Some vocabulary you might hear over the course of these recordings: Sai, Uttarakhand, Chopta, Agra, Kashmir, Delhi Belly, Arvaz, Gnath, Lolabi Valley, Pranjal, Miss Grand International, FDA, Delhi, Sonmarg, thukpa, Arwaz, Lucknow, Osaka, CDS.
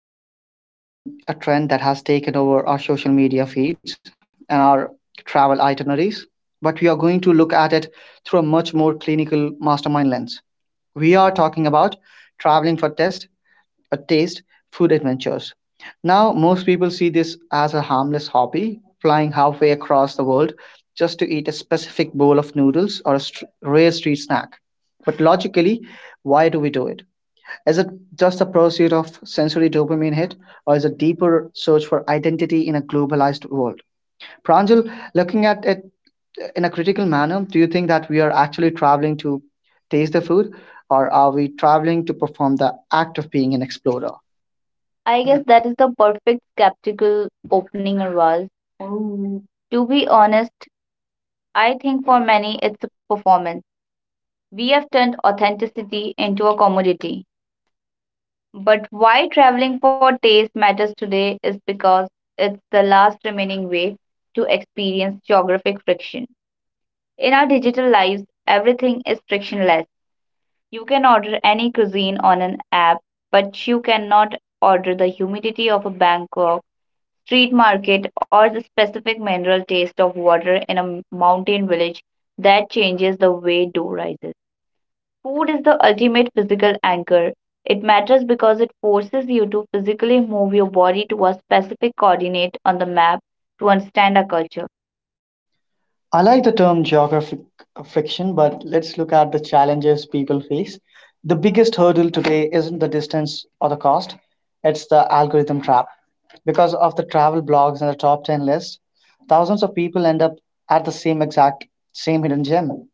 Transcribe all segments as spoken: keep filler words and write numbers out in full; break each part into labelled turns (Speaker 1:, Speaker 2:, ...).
Speaker 1: Today, we are deconstructing a trend that has taken over our social media feeds and our travel itineraries, but we are going to look at it through a much more clinical mastermind lens. We are talking about traveling for test, a taste, food adventures. Now, most people see this as a harmless hobby, flying halfway across the world just to eat a specific bowl of noodles or a str rare street snack. But logically, why do we do it? Is it just the pursuit of sensory dopamine hit, or is it deeper search for identity in a globalized world? Pranjal, looking at it in a critical manner, do you think that we are actually traveling to taste the food, or are we traveling to perform the act of being an explorer?
Speaker 2: I guess that is the perfect skeptical opening, Arvaz. Oh. To be honest, I think for many it's a performance. We have turned authenticity into a commodity. But why traveling for taste matters today is because it's the last remaining way to experience geographic friction. In our digital lives, everything is frictionless. You can order any cuisine on an app, but you cannot order the humidity of a Bangkok street market, or the specific mineral taste of water in a m- mountain village that changes the way dew rises. Food is the ultimate physical anchor. It matters because it forces you to physically move your body to a specific coordinate on the map to understand our culture.
Speaker 1: I like the term geographic friction, but let's look at the challenges people face. The biggest hurdle today isn't the distance or the cost, it's the algorithm trap. Because of the travel blogs and the top ten list, thousands of people end up at the same exact same hidden gem.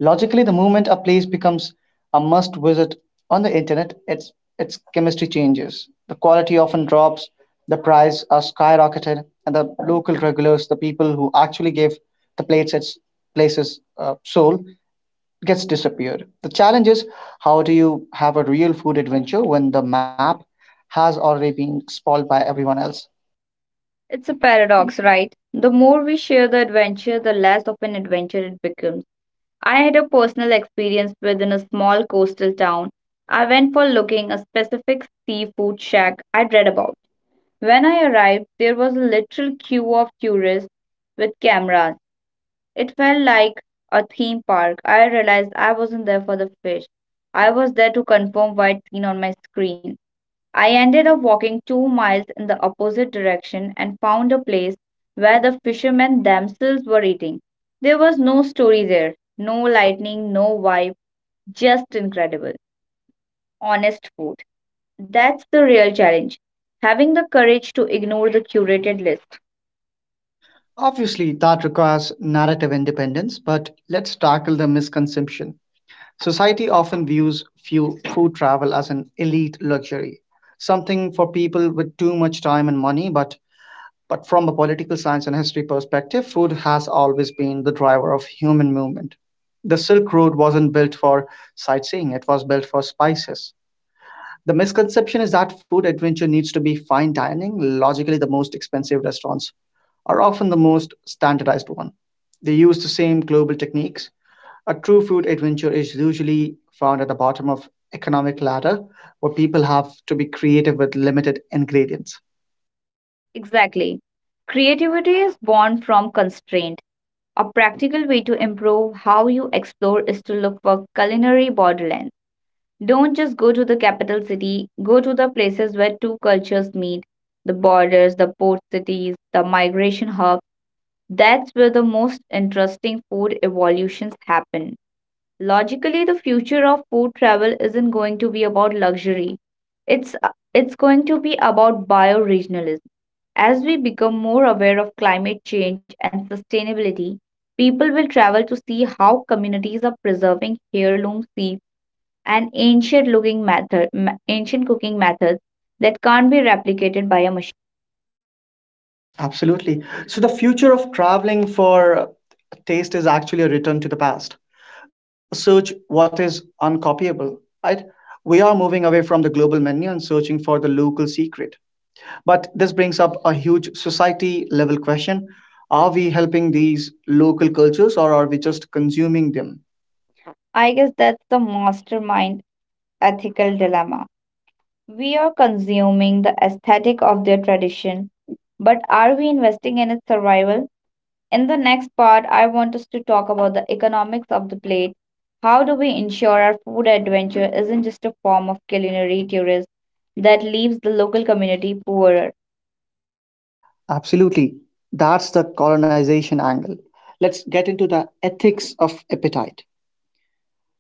Speaker 1: Logically, the moment a place becomes a must visit on the internet, its, its chemistry changes. The quality often drops, the price are skyrocketed, and the local regulars, the people who actually give the place its places uh, soul, gets disappeared. The challenge is how do you have a real food adventure when the map has already been spoiled by everyone else?
Speaker 2: It's a paradox, right? The more we share the adventure, the less of an adventure it becomes. I had a personal experience within a small coastal town. I went for looking a specific seafood shack I'd read about. When I arrived, there was a literal queue of tourists with cameras. It felt like a theme park. I realized I wasn't there for the fish. I was there to confirm what I'd seen on my screen. I ended up walking two miles in the opposite direction and found a place where the fishermen themselves were eating. There was no story there, no lightning, no vibe, just incredible, honest food. That's the real challenge having the courage to ignore the curated list.
Speaker 1: Obviously, that requires narrative independence, but let's tackle the misconception. Society often views few food travel as an elite luxury, something for people with too much time and money, but but from a political science and history perspective, food has always been the driver of human movement. The Silk Road wasn't built for sightseeing, it was built for spices. The misconception is that food adventure needs to be fine dining. Logically, the most expensive restaurants are often the most standardized one. They use the same global techniques, a true food adventure is usually found at the bottom of economic ladder where people have to be creative with limited ingredients.
Speaker 2: Exactly. Creativity is born from constraint. A practical way to improve how you explore is to look for culinary borderlands. Don't just go to the capital city, go to the places where two cultures meet the borders, the port cities, the migration hubs. That's where the most interesting food evolutions happen. Logically, the future of food travel isn't going to be about luxury. It's uh, it's going to be about bioregionalism. As we become more aware of climate change and sustainability, people will travel to see how communities are preserving heirloom seeds and ancient looking method, ma- ancient cooking methods that can't be replicated by a machine.
Speaker 1: Absolutely. So the future of traveling for taste is actually a return to the past. Search what is uncopyable, right? We are moving away from the global menu and searching for the local secret. But this brings up a huge society level question. Are we helping these local cultures or are we just consuming them?
Speaker 2: I guess that's the mastermind ethical dilemma. We are consuming the aesthetic of their tradition but are we investing in its survival? In the next part, I want us to talk about the economics of the plate. How do we ensure our food adventure isn't just a form of culinary tourism that leaves the local community poorer?
Speaker 1: Absolutely. That's the colonization angle. Let's get into the ethics of appetite.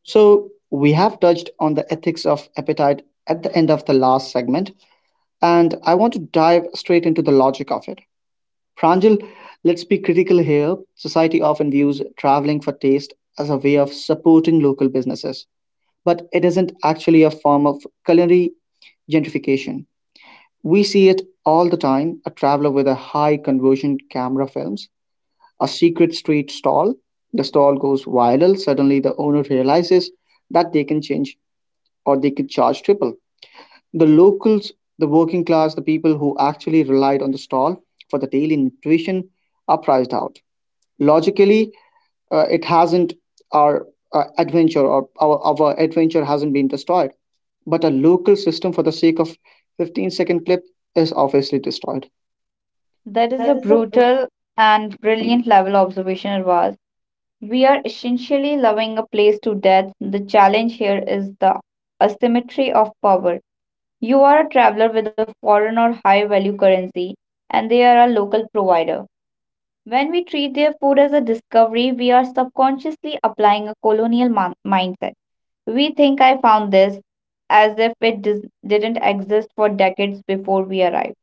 Speaker 1: So, we have touched on the ethics of appetite at the end of the last segment, and I want to dive straight into the logic of it. Pranjal, let's be critical here. Society often views traveling for taste as a way of supporting local businesses, but it isn't actually a form of culinary gentrification. We see it all the time. A traveler with a high conversion camera films a secret street stall. The stall goes viral. Suddenly, the owner realizes that they can change or they could charge triple. The locals, the working class, the people who actually relied on the stall for the daily nutrition are priced out. Logically, uh, it hasn't our uh, adventure or our, our adventure hasn't been destroyed, but a local system for the sake of fifteen second clip is obviously destroyed.
Speaker 2: That is a brutal and brilliant level observation it was. We are essentially loving a place to death. The challenge here is the asymmetry of power. You are a traveler with a foreign or high value currency, and they are a local provider. When we treat their food as a discovery, we are subconsciously applying a colonial mon- mindset. We think I found this as if it dis- didn't exist for decades before we arrived.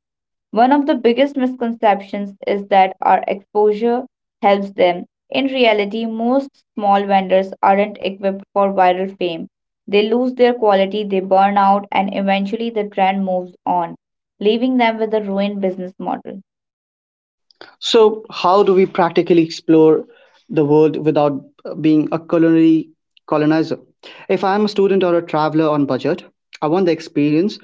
Speaker 2: One of the biggest misconceptions is that our exposure helps them. In reality, most small vendors aren't equipped for viral fame. They lose their quality, they burn out, and eventually the trend moves on, leaving them with a ruined business model.
Speaker 1: So, how do we practically explore the world without uh, being a culinary colonizer? If I am a student or a traveler on budget, I want the experience,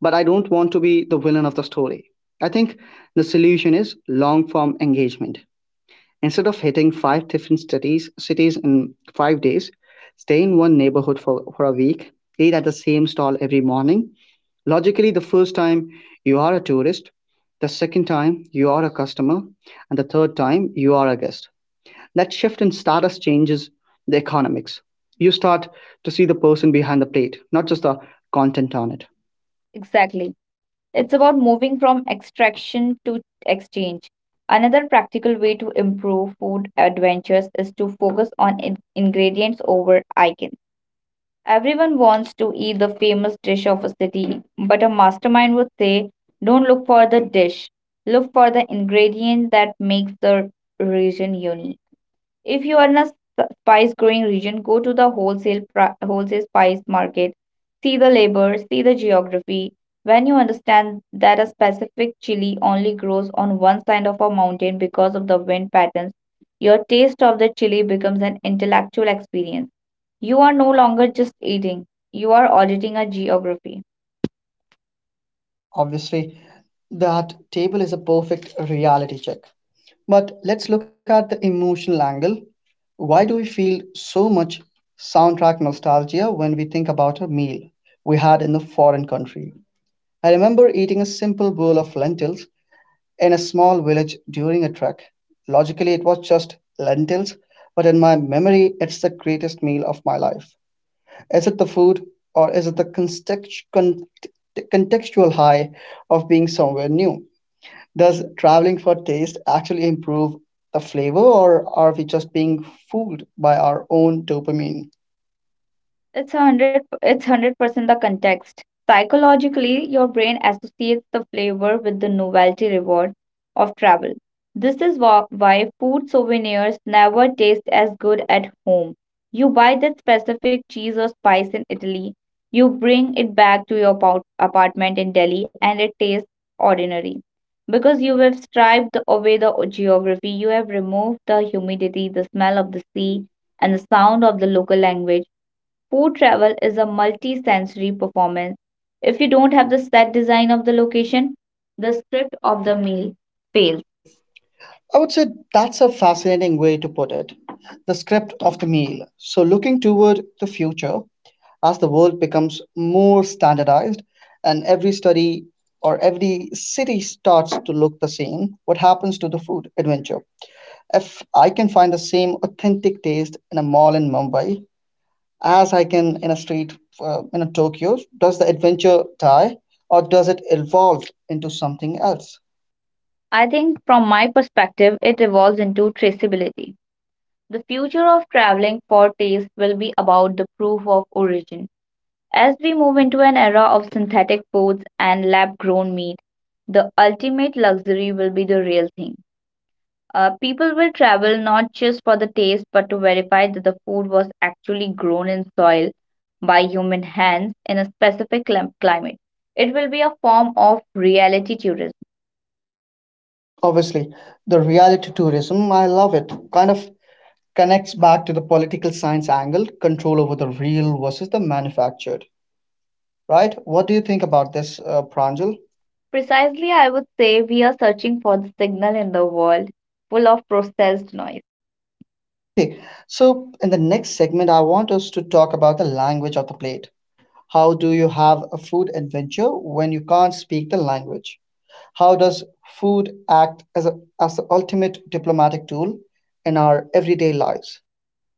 Speaker 1: but I don't want to be the villain of the story. I think the solution is long form engagement. Instead of hitting five different cities, cities in five days, stay in one neighborhood for, for a week, eat at the same stall every morning. Logically, the first time you are a tourist, the second time you are a customer, and the third time you are a guest. That shift in status changes the economics. You start to see the person behind the plate, not just the content on it.
Speaker 2: Exactly. It's about moving from extraction to exchange. Another practical way to improve food adventures is to focus on in- ingredients over icons. Everyone wants to eat the famous dish of a city, but a mastermind would say, don't look for the dish, look for the ingredient that makes the region unique. If you are in a s- spice growing region, go to the wholesale pri- wholesale spice market. See the labor, see the geography. When you understand that a specific chili only grows on one side of a mountain because of the wind patterns, your taste of the chili becomes an intellectual experience. You are no longer just eating, you are auditing a geography.
Speaker 1: Obviously, that table is a perfect reality check. But let's look at the emotional angle. Why do we feel so much soundtrack nostalgia when we think about a meal we had in a foreign country? I remember eating a simple bowl of lentils in a small village during a trek. Logically, it was just lentils, but in my memory, it's the greatest meal of my life. Is it the food, or is it the context- con- contextual high of being somewhere new? Does traveling for taste actually improve the flavor, or are we just being fooled by our own dopamine?
Speaker 2: It's one hundred it's one hundred percent the context. Psychologically, your brain associates the flavor with the novelty reward of travel. This is wha- why food souvenirs never taste as good at home. You buy that specific cheese or spice in Italy, you bring it back to your apart- apartment in Delhi, and it tastes ordinary. Because you have striped away the geography, you have removed the humidity, the smell of the sea, and the sound of the local language. Food travel is a multi-sensory performance. If you don't have the set design of the location, the script of the meal fails.
Speaker 1: Fails. I would say that's a fascinating way to put it. The script of the meal. So, looking toward the future, as the world becomes more standardized and every study or every city starts to look the same, what happens to the food adventure? If I can find the same authentic taste in a mall in Mumbai as I can in a street uh, in a Tokyo, does the adventure die or does it evolve into something else?
Speaker 2: I think from my perspective, it evolves into traceability. The future of traveling for taste will be about the proof of origin. As we move into an era of synthetic foods and lab grown meat, the ultimate luxury will be the real thing. Uh, people will travel not just for the taste, but to verify that the food was actually grown in soil by human hands in a specific clim- climate. It will be a form of reality tourism.
Speaker 1: Obviously, the reality tourism, I love it, kind of connects back to the political science angle control over the real versus the manufactured, right? What do you think about this, uh, Pranjal?
Speaker 2: Precisely, I would say we are searching for the signal in the world full of processed noise.
Speaker 1: Okay, so in the next segment, I want us to talk about the language of the plate. How do you have a food adventure when you can't speak the language? How does food act as, a, as the ultimate diplomatic tool in our everyday lives?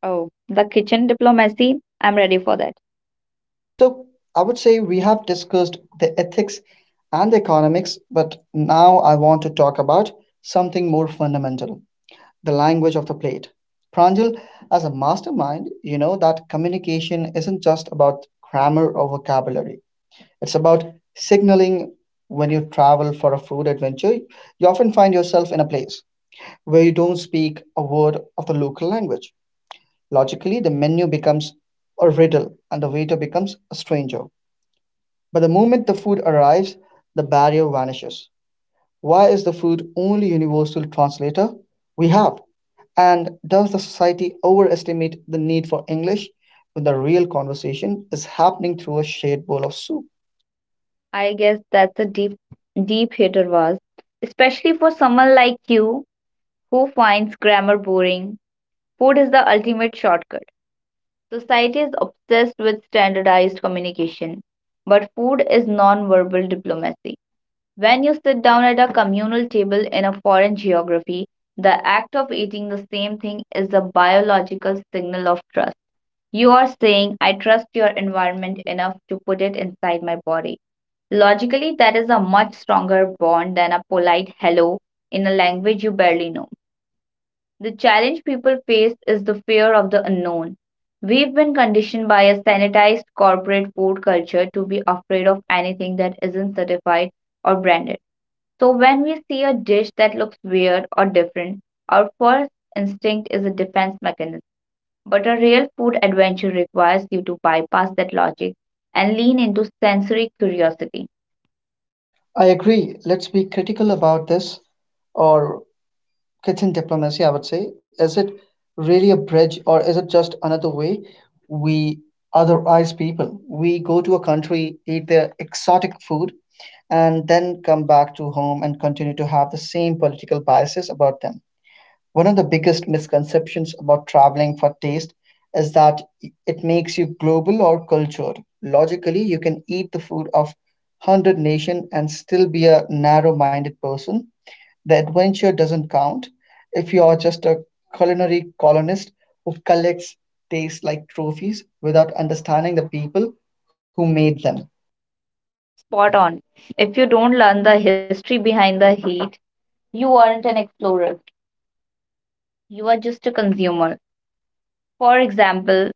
Speaker 2: Oh, the kitchen diplomacy. I'm ready for that.
Speaker 1: So I would say we have discussed the ethics and the economics, but now I want to talk about something more fundamental, the language of the plate. Pranjal, as a mastermind, you know that communication isn't just about grammar or vocabulary. It's about signaling when you travel for a food adventure. You often find yourself in a place where you don't speak a word of the local language. Logically, the menu becomes a riddle and the waiter becomes a stranger. But the moment the food arrives, the barrier vanishes. Why is the food only universal translator we have? And does the society overestimate the need for English when the real conversation is happening through a shared bowl of soup?
Speaker 2: I guess that's a deep, deep hitter was, especially for someone like you who finds grammar boring. Food is the ultimate shortcut. Society is obsessed with standardized communication, but food is non-verbal diplomacy. When you sit down at a communal table in a foreign geography, the act of eating the same thing is a biological signal of trust. You are saying, I trust your environment enough to put it inside my body. Logically, that is a much stronger bond than a polite hello in a language you barely know. The challenge people face is the fear of the unknown. We've been conditioned by a sanitized corporate food culture to be afraid of anything that isn't certified or branded. So when we see a dish that looks weird or different, our first instinct is a defense mechanism. But a real food adventure requires you to bypass that logic and lean into sensory curiosity.
Speaker 1: I agree. Let's be critical about this or kitchen diplomacy, I would say. Is it really a bridge or is it just another way we otherize people? We go to a country, eat their exotic food, and then come back to home and continue to have the same political biases about them. One of the biggest misconceptions about traveling for taste is that it makes you global or cultured. Logically, you can eat the food of a hundred nations and still be a narrow minded person. The adventure doesn't count if you are just a culinary colonist who collects tastes like trophies without understanding the people who made them.
Speaker 2: Spot on. If you don't learn the history behind the heat, you aren't an explorer. You are just a consumer. For example,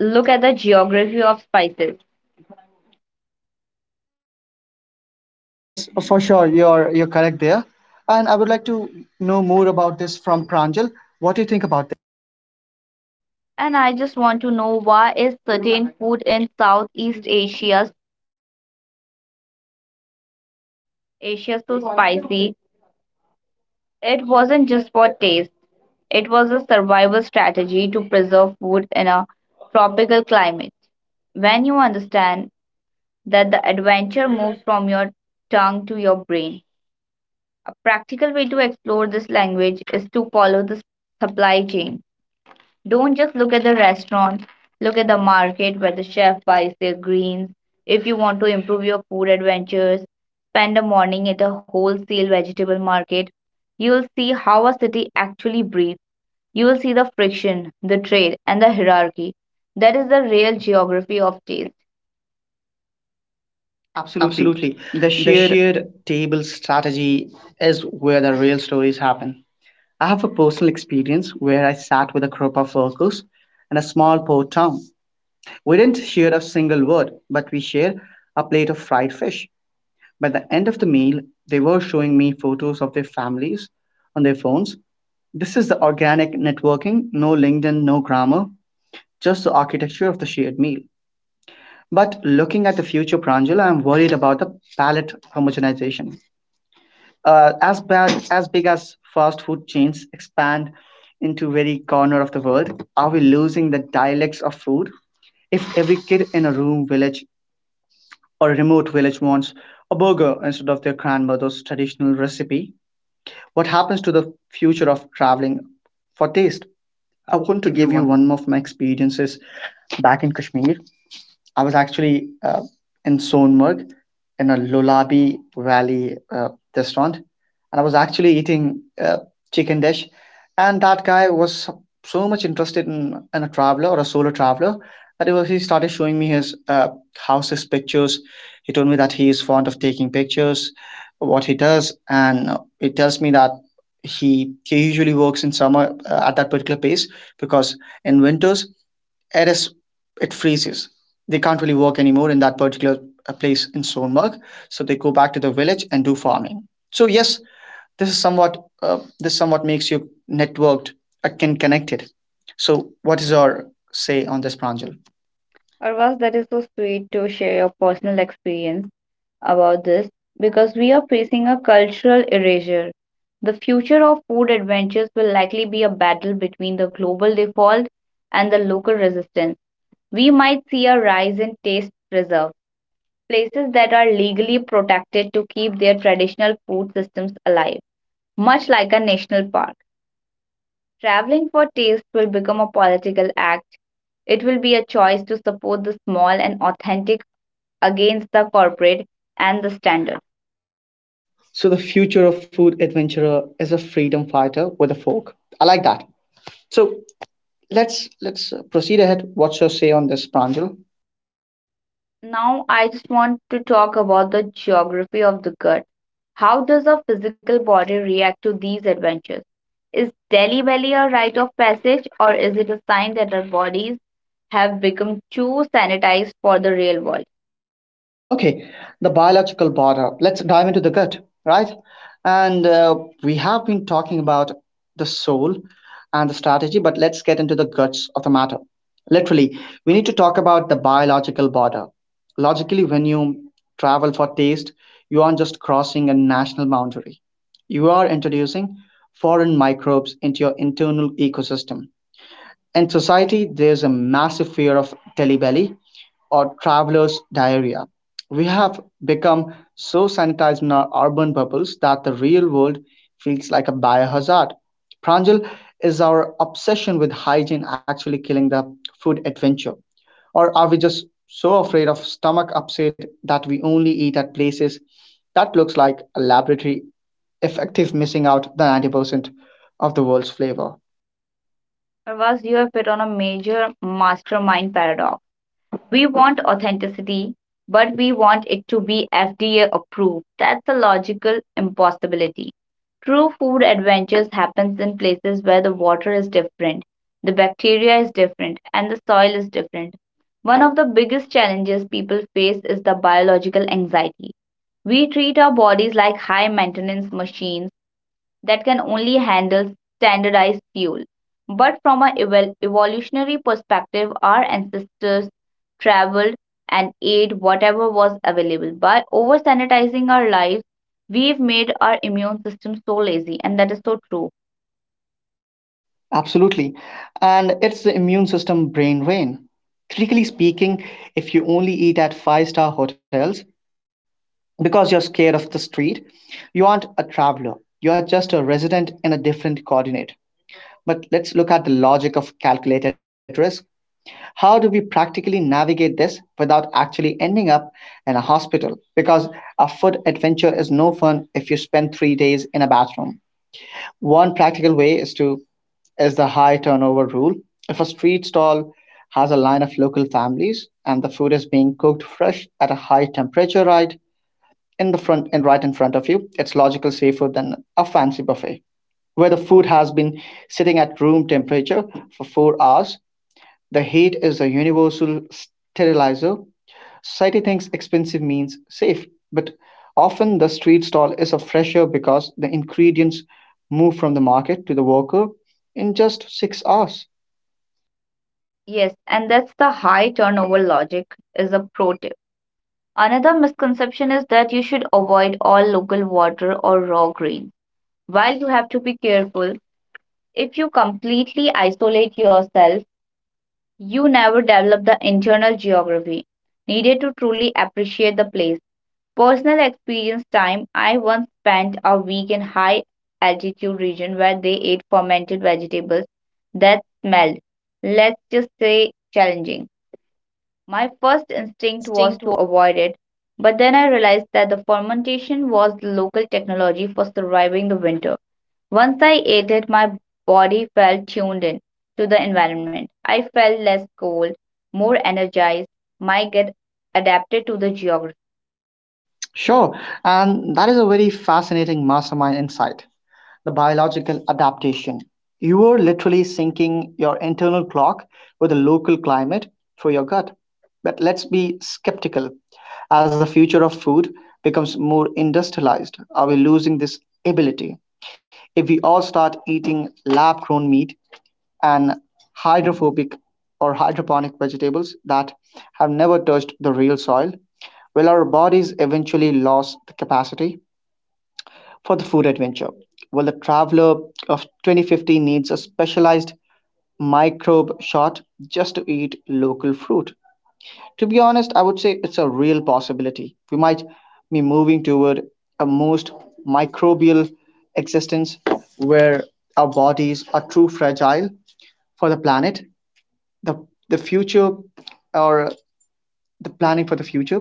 Speaker 2: look at the geography of spices.
Speaker 1: Yes, for sure, you're, you're correct there. And I would like to know more about this from Pranjal. What do you think about?
Speaker 2: And I just want to know why is certain food in Southeast Asia Asia so spicy? It wasn't just for taste. It was a survival strategy to preserve food in a tropical climate. When you understand that, the adventure moves from your tongue to your brain. A practical way to explore this language is to follow the supply chain. Don't just look at the restaurant, look at the market where the chef buys their greens. If you want to improve your food adventures, spend a morning at a wholesale vegetable market. You'll see how a city actually breathes. You will see the friction, the trade, and the hierarchy. That is the real geography of taste. Absolutely.
Speaker 1: Absolutely.
Speaker 2: The
Speaker 1: The
Speaker 2: sheer.
Speaker 1: shared table strategy is where the real stories happen. I have a personal experience where I sat with a group of workers in a small port town. We didn't share a single word, but we shared a plate of fried fish. By the end of the meal, they were showing me photos of their families on their phones. This is the organic networking, no LinkedIn, no grammar, just the architecture of the shared meal. But looking at the future, Pranjal, I'm worried about the palette homogenization. Uh, as bad as big as fast food chains expand into very corner of the world, are we losing the dialects of food? If every kid in a room village or a remote village wants a burger instead of their grandmother's traditional recipe, what happens to the future of traveling for taste?
Speaker 2: I
Speaker 1: I
Speaker 2: want to
Speaker 1: want to
Speaker 2: give you
Speaker 1: give
Speaker 2: one.
Speaker 1: you one more of my experiences back in Kashmir. I was actually uh, in Sonmarg in a Lolabi Valley uh, restaurant, and I was actually eating uh, chicken dish, and that guy was so much interested in, in a traveler or a solo traveler that he was he started showing me his uh, house's pictures. He told me that he is fond of taking pictures, what he does, and he tells me that he he usually works in summer uh, at that particular place because in winters it is it freezes, they can't really work anymore in that particular uh, place in Sonmark. So they go back to the village and do farming. So yes, this is somewhat uh, this somewhat makes you networked, uh, can connected. So what is your say on this, Pranjal?
Speaker 2: Arvas, that is so sweet to share your personal experience about this because we are facing a cultural erasure. The future of food adventures will likely be a battle between the global default and the local resistance. We might see a rise in taste preserve, places that are legally protected to keep their traditional food systems alive, much like a national park. Traveling for taste will become a political act. It will be a choice to support the small and authentic against the corporate and the standard.
Speaker 1: So the future of food adventurer is a freedom fighter with a fork. I like that. So let's let's uh, proceed ahead. What's your say on this, Pranjal?
Speaker 2: Now, I just want to talk about the geography of the gut. How does our physical body react to these adventures? Is Delhi Belly a rite of passage, or is it a sign that our bodies have become too sanitized for the real world?
Speaker 1: Okay, the biological border. Let's dive into the gut, right? And uh, We have been talking about the soul and the strategy, but let's get into the guts of the matter. Literally, we need to talk about the biological border. Logically, when you travel for taste, you aren't just crossing a national boundary, you are introducing foreign microbes into your internal ecosystem. In society, there's a massive fear of telebelly or traveler's diarrhea. We have become so sanitized in our urban bubbles that the real world feels like a biohazard. Pranjal, is our obsession with hygiene actually killing the food adventure? Or are we just so afraid of stomach upset that we only eat at places that looks like a laboratory, effective missing out the ninety percent of the world's flavor?
Speaker 2: Pravas, you have hit on a major mastermind paradox. We want authenticity, but we want it to be F D A approved. That's a logical impossibility. True food adventures happens in places where the water is different, the bacteria is different, and the soil is different. One of the biggest challenges people face is the biological anxiety. We treat our bodies like high maintenance machines that can only handle standardized fuel. But from an evol- evolutionary perspective, our ancestors traveled and ate whatever was available. By over sanitizing our lives, we've made our immune system so lazy, and that is so true.
Speaker 1: Absolutely. And it's the immune system brain drain. Critically speaking, if you only eat at five star hotels because you're scared of the street, you aren't a traveler. You are just a resident in a different coordinate. But let's look at the logic of calculated risk. How do we practically navigate this without actually ending up in a hospital? Because a food adventure is no fun if you spend three days in a bathroom. One practical way is to is the high turnover rule. If a street stall has a line of local families and the food is being cooked fresh at a high temperature right in the front and right in front of you, it's logical safer than a fancy buffet where the food has been sitting at room temperature for four hours. The heat is a universal sterilizer. Society thinks expensive means safe, but often the street stall is a fresher because the ingredients move from the market to the worker in just six hours.
Speaker 2: Yes, and that's the high turnover logic is a pro tip. Another misconception is that you should avoid all local water or raw grains. While you have to be careful, if you completely isolate yourself, you never develop the internal geography needed to truly appreciate the place. Personal experience time, I once spent a week in high altitude region where they ate fermented vegetables that smelled, let's just say, challenging. My first instinct was to avoid it, but then I realized that the fermentation was the local technology for surviving the winter. Once I ate it, my body felt tuned in to the environment. I felt less cold, more energized, my gut adapted to the geography.
Speaker 1: Sure, and that is a very fascinating mastermind insight the biological adaptation. You are literally syncing your internal clock with the local climate through your gut. But let's be skeptical. As the future of food becomes more industrialized, are we losing this ability? If we all start eating lab grown meat and hydrophobic or hydroponic vegetables that have never touched the real soil? Will our bodies eventually lose the capacity for the food adventure? Well, the traveler of twenty fifty needs a specialized microbe shot just to eat local fruit. To be honest, I would say it's a real possibility. We might be moving toward a most microbial existence where our bodies are too fragile for the planet, the the future or the planning for the future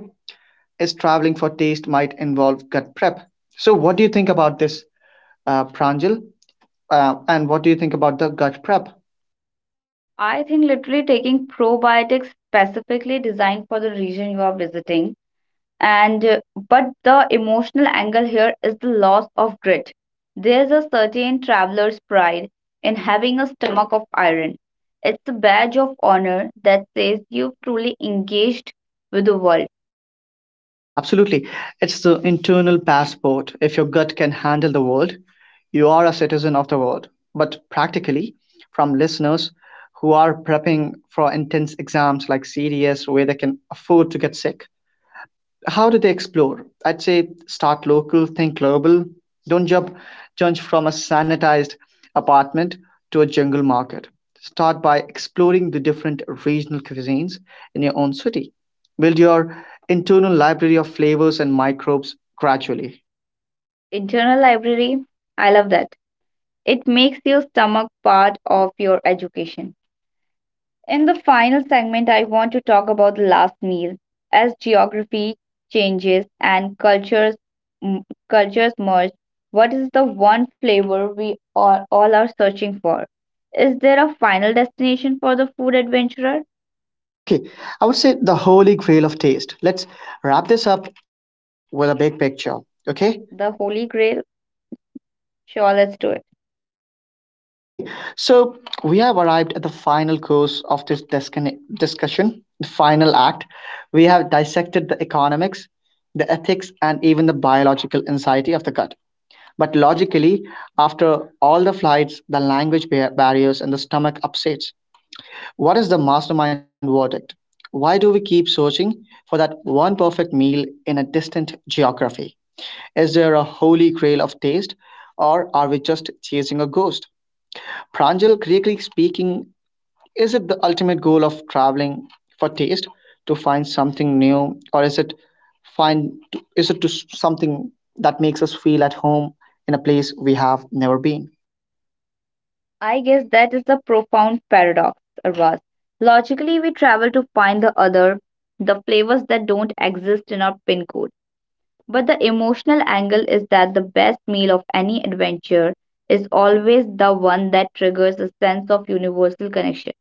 Speaker 1: is traveling for taste might involve gut prep. So what do you think about this, uh, Pranjal? Uh, and what do you think about the gut prep?
Speaker 2: I think literally taking probiotics specifically designed for the region you are visiting. And uh, But the emotional angle here is the loss of grit. There's a certain traveler's pride in having a stomach of iron. It's a badge of honor that says you've truly engaged with the world.
Speaker 1: Absolutely, it's the internal passport. If your gut can handle the world, you are a citizen of the world. But practically, from listeners who are prepping for intense exams like C D S, where they can afford to get sick, how do they explore? I'd say start local, think global. Don't jump jump from a sanitized apartment to a jungle market. Start by exploring the different regional cuisines in your own city. Build your internal library of flavors and microbes gradually.
Speaker 2: Internal library, I love that. It makes your stomach part of your education. In the final segment, I want to talk about the last meal. As geography changes and cultures m- cultures merge, what is the one flavor we all, all are searching for? Is there a final destination for the food adventurer?
Speaker 1: Cultural? Okay, I would say the holy grail of taste. Let's wrap this up with a big picture. Okay,
Speaker 2: The Holy Grail? Sure, let's do it.
Speaker 1: okay, so we have arrived at the final course of this discon- discussion, the final act. We have dissected the economics, the ethics, and even the biological anxiety of the gut. But logically, after all the flights, the language bar- barriers, and the stomach upsets, what is the mastermind verdict? Why do we keep searching for that one perfect meal in a distant geography? Is there a holy grail of taste, or are we just chasing a ghost? Pranjal, critically speaking, is it the ultimate goal of traveling for taste to find something new, or is it find is it to s- something that makes us feel at home in a place we have never been?
Speaker 2: I guess that is the profound paradox, Arvaz. Logically, we travel to find the other, the flavors that don't exist in our pin code. But the emotional angle is that the best meal of any adventure is always the one that triggers a sense of universal connection.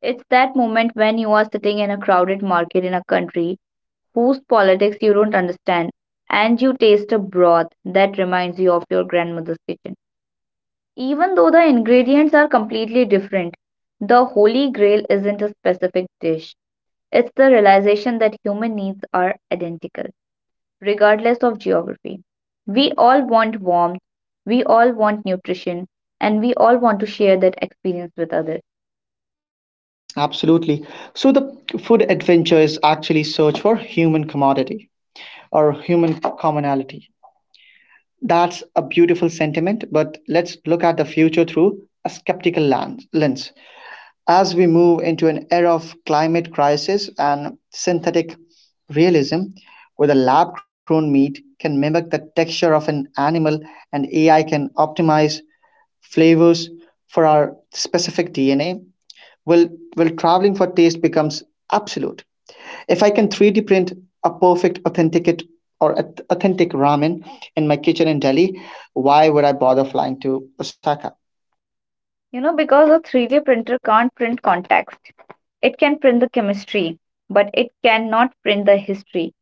Speaker 2: It's that moment when you are sitting in a crowded market in a country whose politics you don't understand, and you taste a broth that reminds you of your grandmother's kitchen. Even though the ingredients are completely different, the holy grail isn't a specific dish. It's the realization that human needs are identical, regardless of geography. We all want warmth, we all want nutrition, and we all want to share that experience with others.
Speaker 1: Absolutely. So the food adventure is actually search for human commodity or human commonality. That's a beautiful sentiment, but let's look at the future through a skeptical lan- lens. As we move into an era of climate crisis and synthetic realism, where the lab grown meat can mimic the texture of an animal and A I can optimize flavors for our specific D N A, will will traveling for taste becomes absolute. If I can three D print a perfect authenticate or ath- authentic ramen in my kitchen in Delhi, why would I bother flying to Osaka?
Speaker 2: You know, because a three D printer can't print context. It can print the chemistry, but it cannot print the history.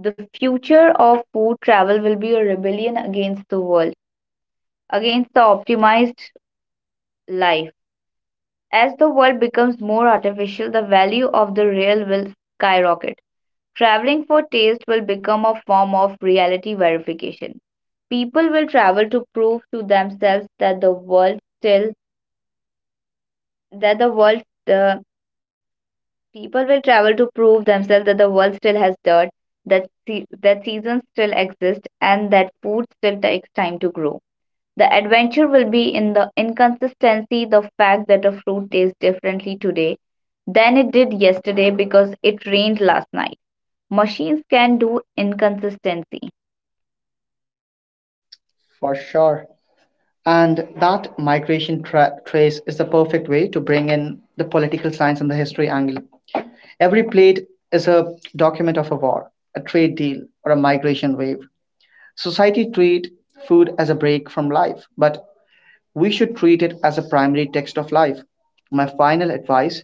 Speaker 2: The future of food travel will be a rebellion against the world, against the optimized life. As the world becomes more artificial, the value of the real will skyrocket. Traveling for taste will become a form of reality verification. People will travel to prove to themselves that the world still that the world uh, People will travel to prove themselves that the world still has dirt, that se- that seasons still exist, and that food still takes time to grow. The adventure will be in the inconsistency, the fact that a fruit tastes differently today than it did yesterday because it rained last night. Machines can do inconsistency.
Speaker 1: For sure. And that migration tra- trace is the perfect way to bring in the political science and the history angle. Every plate is a document of a war, a trade deal, or a migration wave. Society treat food as a break from life, but we should treat it as a primary text of life. My final advice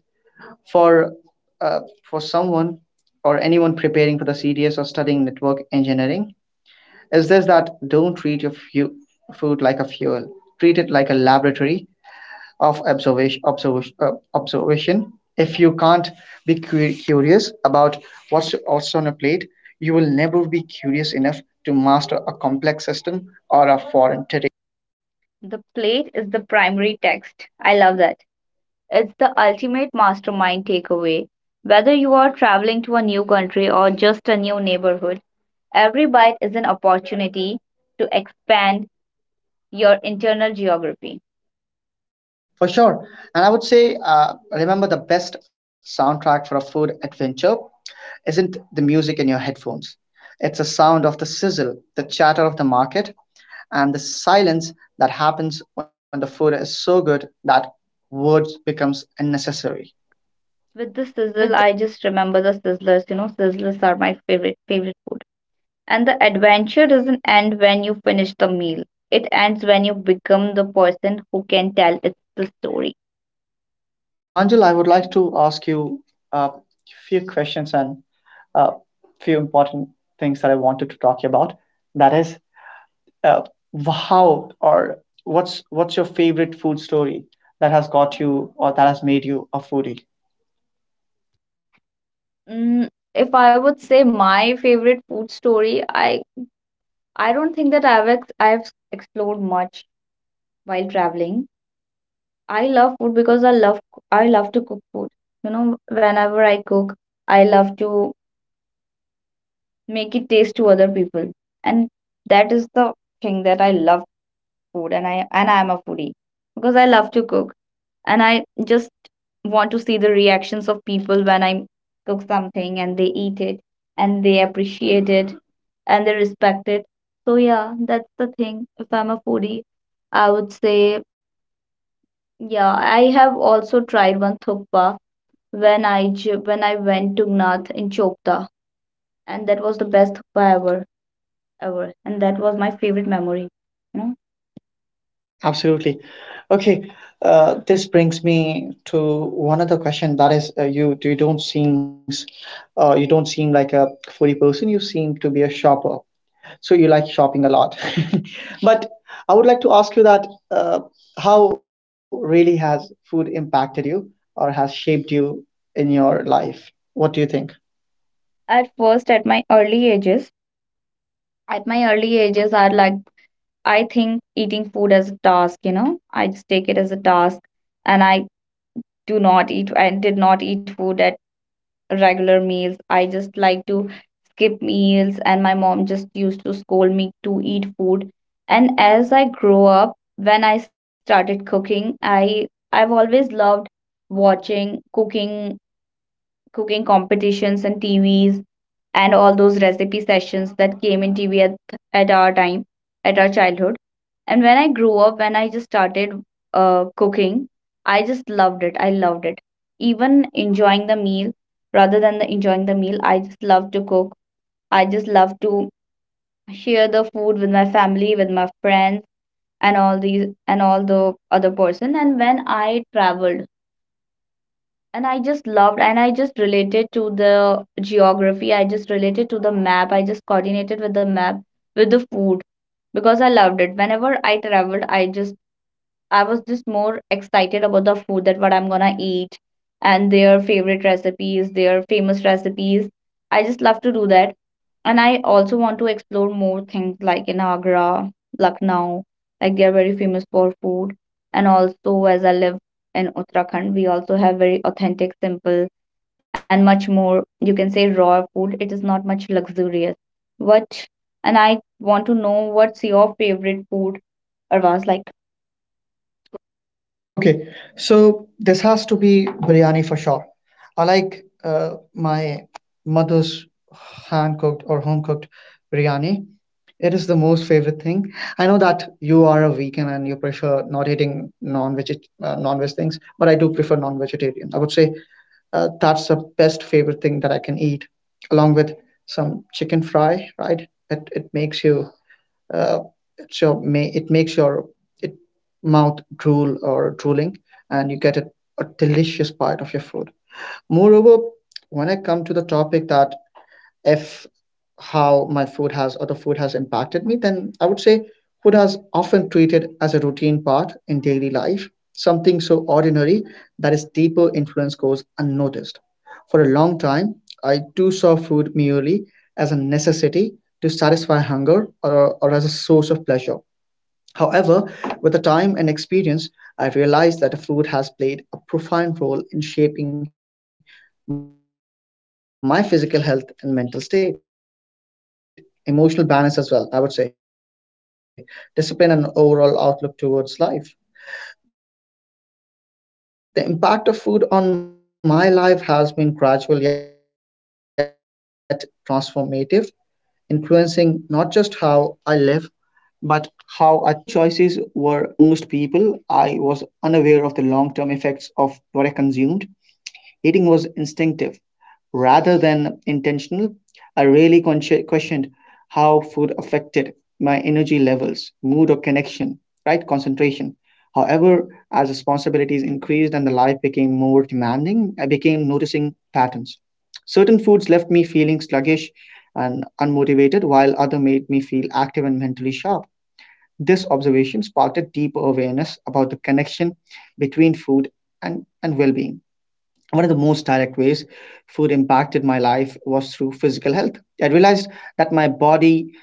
Speaker 1: for uh, for someone or anyone preparing for the C D S or studying network engineering is this that don't treat your fu- food like a fuel, treat it like a laboratory of observation observation, uh, observation. If you can't be cu- curious about what's also on a plate, you will never be curious enough to master a complex system or a foreign territory.
Speaker 2: The plate is the primary text. I love that. It's the ultimate mastermind takeaway. Whether you are traveling to a new country or just a new neighborhood, every bite is an opportunity to expand your internal geography.
Speaker 1: For sure. And I would say, uh, remember the best soundtrack for a food adventure isn't the music in your headphones. It's the sound of the sizzle, the chatter of the market, and the silence that happens when the food is so good that words becomes unnecessary.
Speaker 2: With the sizzle,
Speaker 1: With
Speaker 2: I just remember the sizzlers. You know, sizzlers are my favorite favorite food. And the adventure doesn't end when you finish the meal. It ends when you become the person who can tell it's the story.
Speaker 1: Pranjal, I would like to ask you a few questions and a few important things that I wanted to talk about. That is, uh, how or what's what's your favorite food story that has got you or that has made you a foodie?
Speaker 2: Mm, if I would say my favorite food story, I I don't think that I've ex- I've explored much while traveling. I love food because I love I love to cook food. You know, whenever I cook, I love to make it taste to other people. And that is the thing that I love food, and I and I am a foodie because I love to cook, and I just want to see the reactions of people when I cook something and they eat it and they appreciate it and they respect it. So yeah, that's the thing. If I'm a foodie, I would say yeah, I have also tried one thukpa when I ju- when I went to Gnath in Chopta, and that was the best Thapa ever ever, and that was my favorite memory. You know,
Speaker 1: Absolutely. Okay. Uh, this brings me to one other question that is uh, you you don't seems uh, you don't seem like a foodie person. You seem to be a shopper, so you like shopping a lot, but I would like to ask you that, uh, how really has food impacted you or has shaped you in your life? What do you think?
Speaker 2: at first, at my early ages, at my early ages, I like I think eating food as a task, you know, I just take it as a task and I do not eat, I did not eat food at regular meals. I just like to skip meals, and my mom just used to scold me to eat food. And as I grow up, when I started cooking, I I've always loved watching cooking cooking competitions and T Vs and all those recipe sessions that came in T V at, at our time, at our childhood. And when I grew up, when I just started uh, cooking, I just loved it. I loved it. Even enjoying the meal, Rather than the enjoying the meal, I just love to cook. I just love to share the food with my family, with my friends, and all these and all the other person. And when I traveled, and I just loved and I just related to the geography. I just related to the map. I just coordinated with the map, with the food because I loved it. Whenever I traveled, I just I was just more excited about the food that what I'm gonna eat and their favorite recipes, their famous recipes. I just love to do that. And I also want to explore more things like in Agra, Lucknow, like they are very famous for food. And also, as I live in Uttarakhand, we also have very authentic, simple, and much more, you can say, raw food. It is not much luxurious. What, and I want to know what's your favorite food, Arvaz, like?
Speaker 1: Okay, so this has to be biryani for sure. I like uh, my mother's hand cooked or home cooked biryani. It is the most favorite thing. I know that you are a vegan and you prefer not eating non-veg uh, non-veg things, but I do prefer non-vegetarian. I would say uh, that's the best favorite thing that I can eat, along with some chicken fry. Right? It it makes you uh, so may it makes your it mouth drool or drooling, and you get a, a delicious bite of your food. Moreover, when I come to the topic that if how my food has or the food has impacted me, then I would say food has often treated as a routine part in daily life, something so ordinary that its deeper influence goes unnoticed. For a long time, I too saw food merely as a necessity to satisfy hunger or, or as a source of pleasure. However, with the time and experience, I realized that food has played a profound role in shaping my physical health and mental state, emotional balance as well, I would say, discipline and overall outlook towards life. The impact of food on my life has been gradual yet transformative, influencing not just how I live, but how I think and feel. In my early years, food choices were driven largely by taste and convenience like the most people. I was unaware of the long term effects of what I consumed. Eating was instinctive rather than intentional. I really consci- questioned how food affected my energy levels, mood, or connection, right? Concentration. However, as responsibilities increased and the life became more demanding, I became noticing patterns. Certain foods left me feeling sluggish and unmotivated, while other made me feel active and mentally sharp. This observation sparked a deeper awareness about the connection between food and, and well being. One of the most direct ways food impacted my life was through physical health. I realized that my body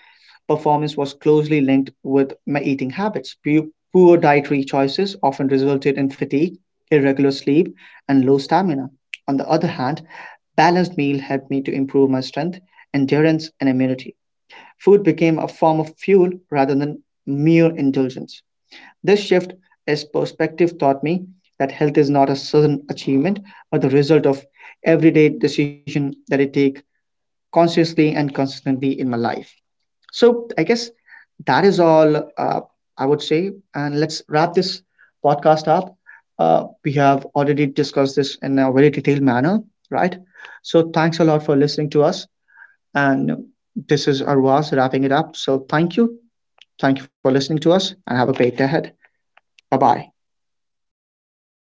Speaker 1: performance was closely linked with my eating habits. Pu- Poor dietary choices often resulted in fatigue, irregular sleep, and low stamina. On the other hand, balanced meal helped me to improve my strength, endurance, and immunity. Food became a form of fuel rather than mere indulgence. This shift as perspective taught me that health is not a sudden achievement, but the result of everyday decision that I take consciously and consistently in my life. So I guess that is all, uh, I would say. And let's wrap this podcast up. Uh, we have already discussed this in a very detailed manner, right? So thanks a lot for listening to us. And this is Arwaz wrapping it up. So thank you. Thank you for listening to us and have a great day ahead. Bye bye.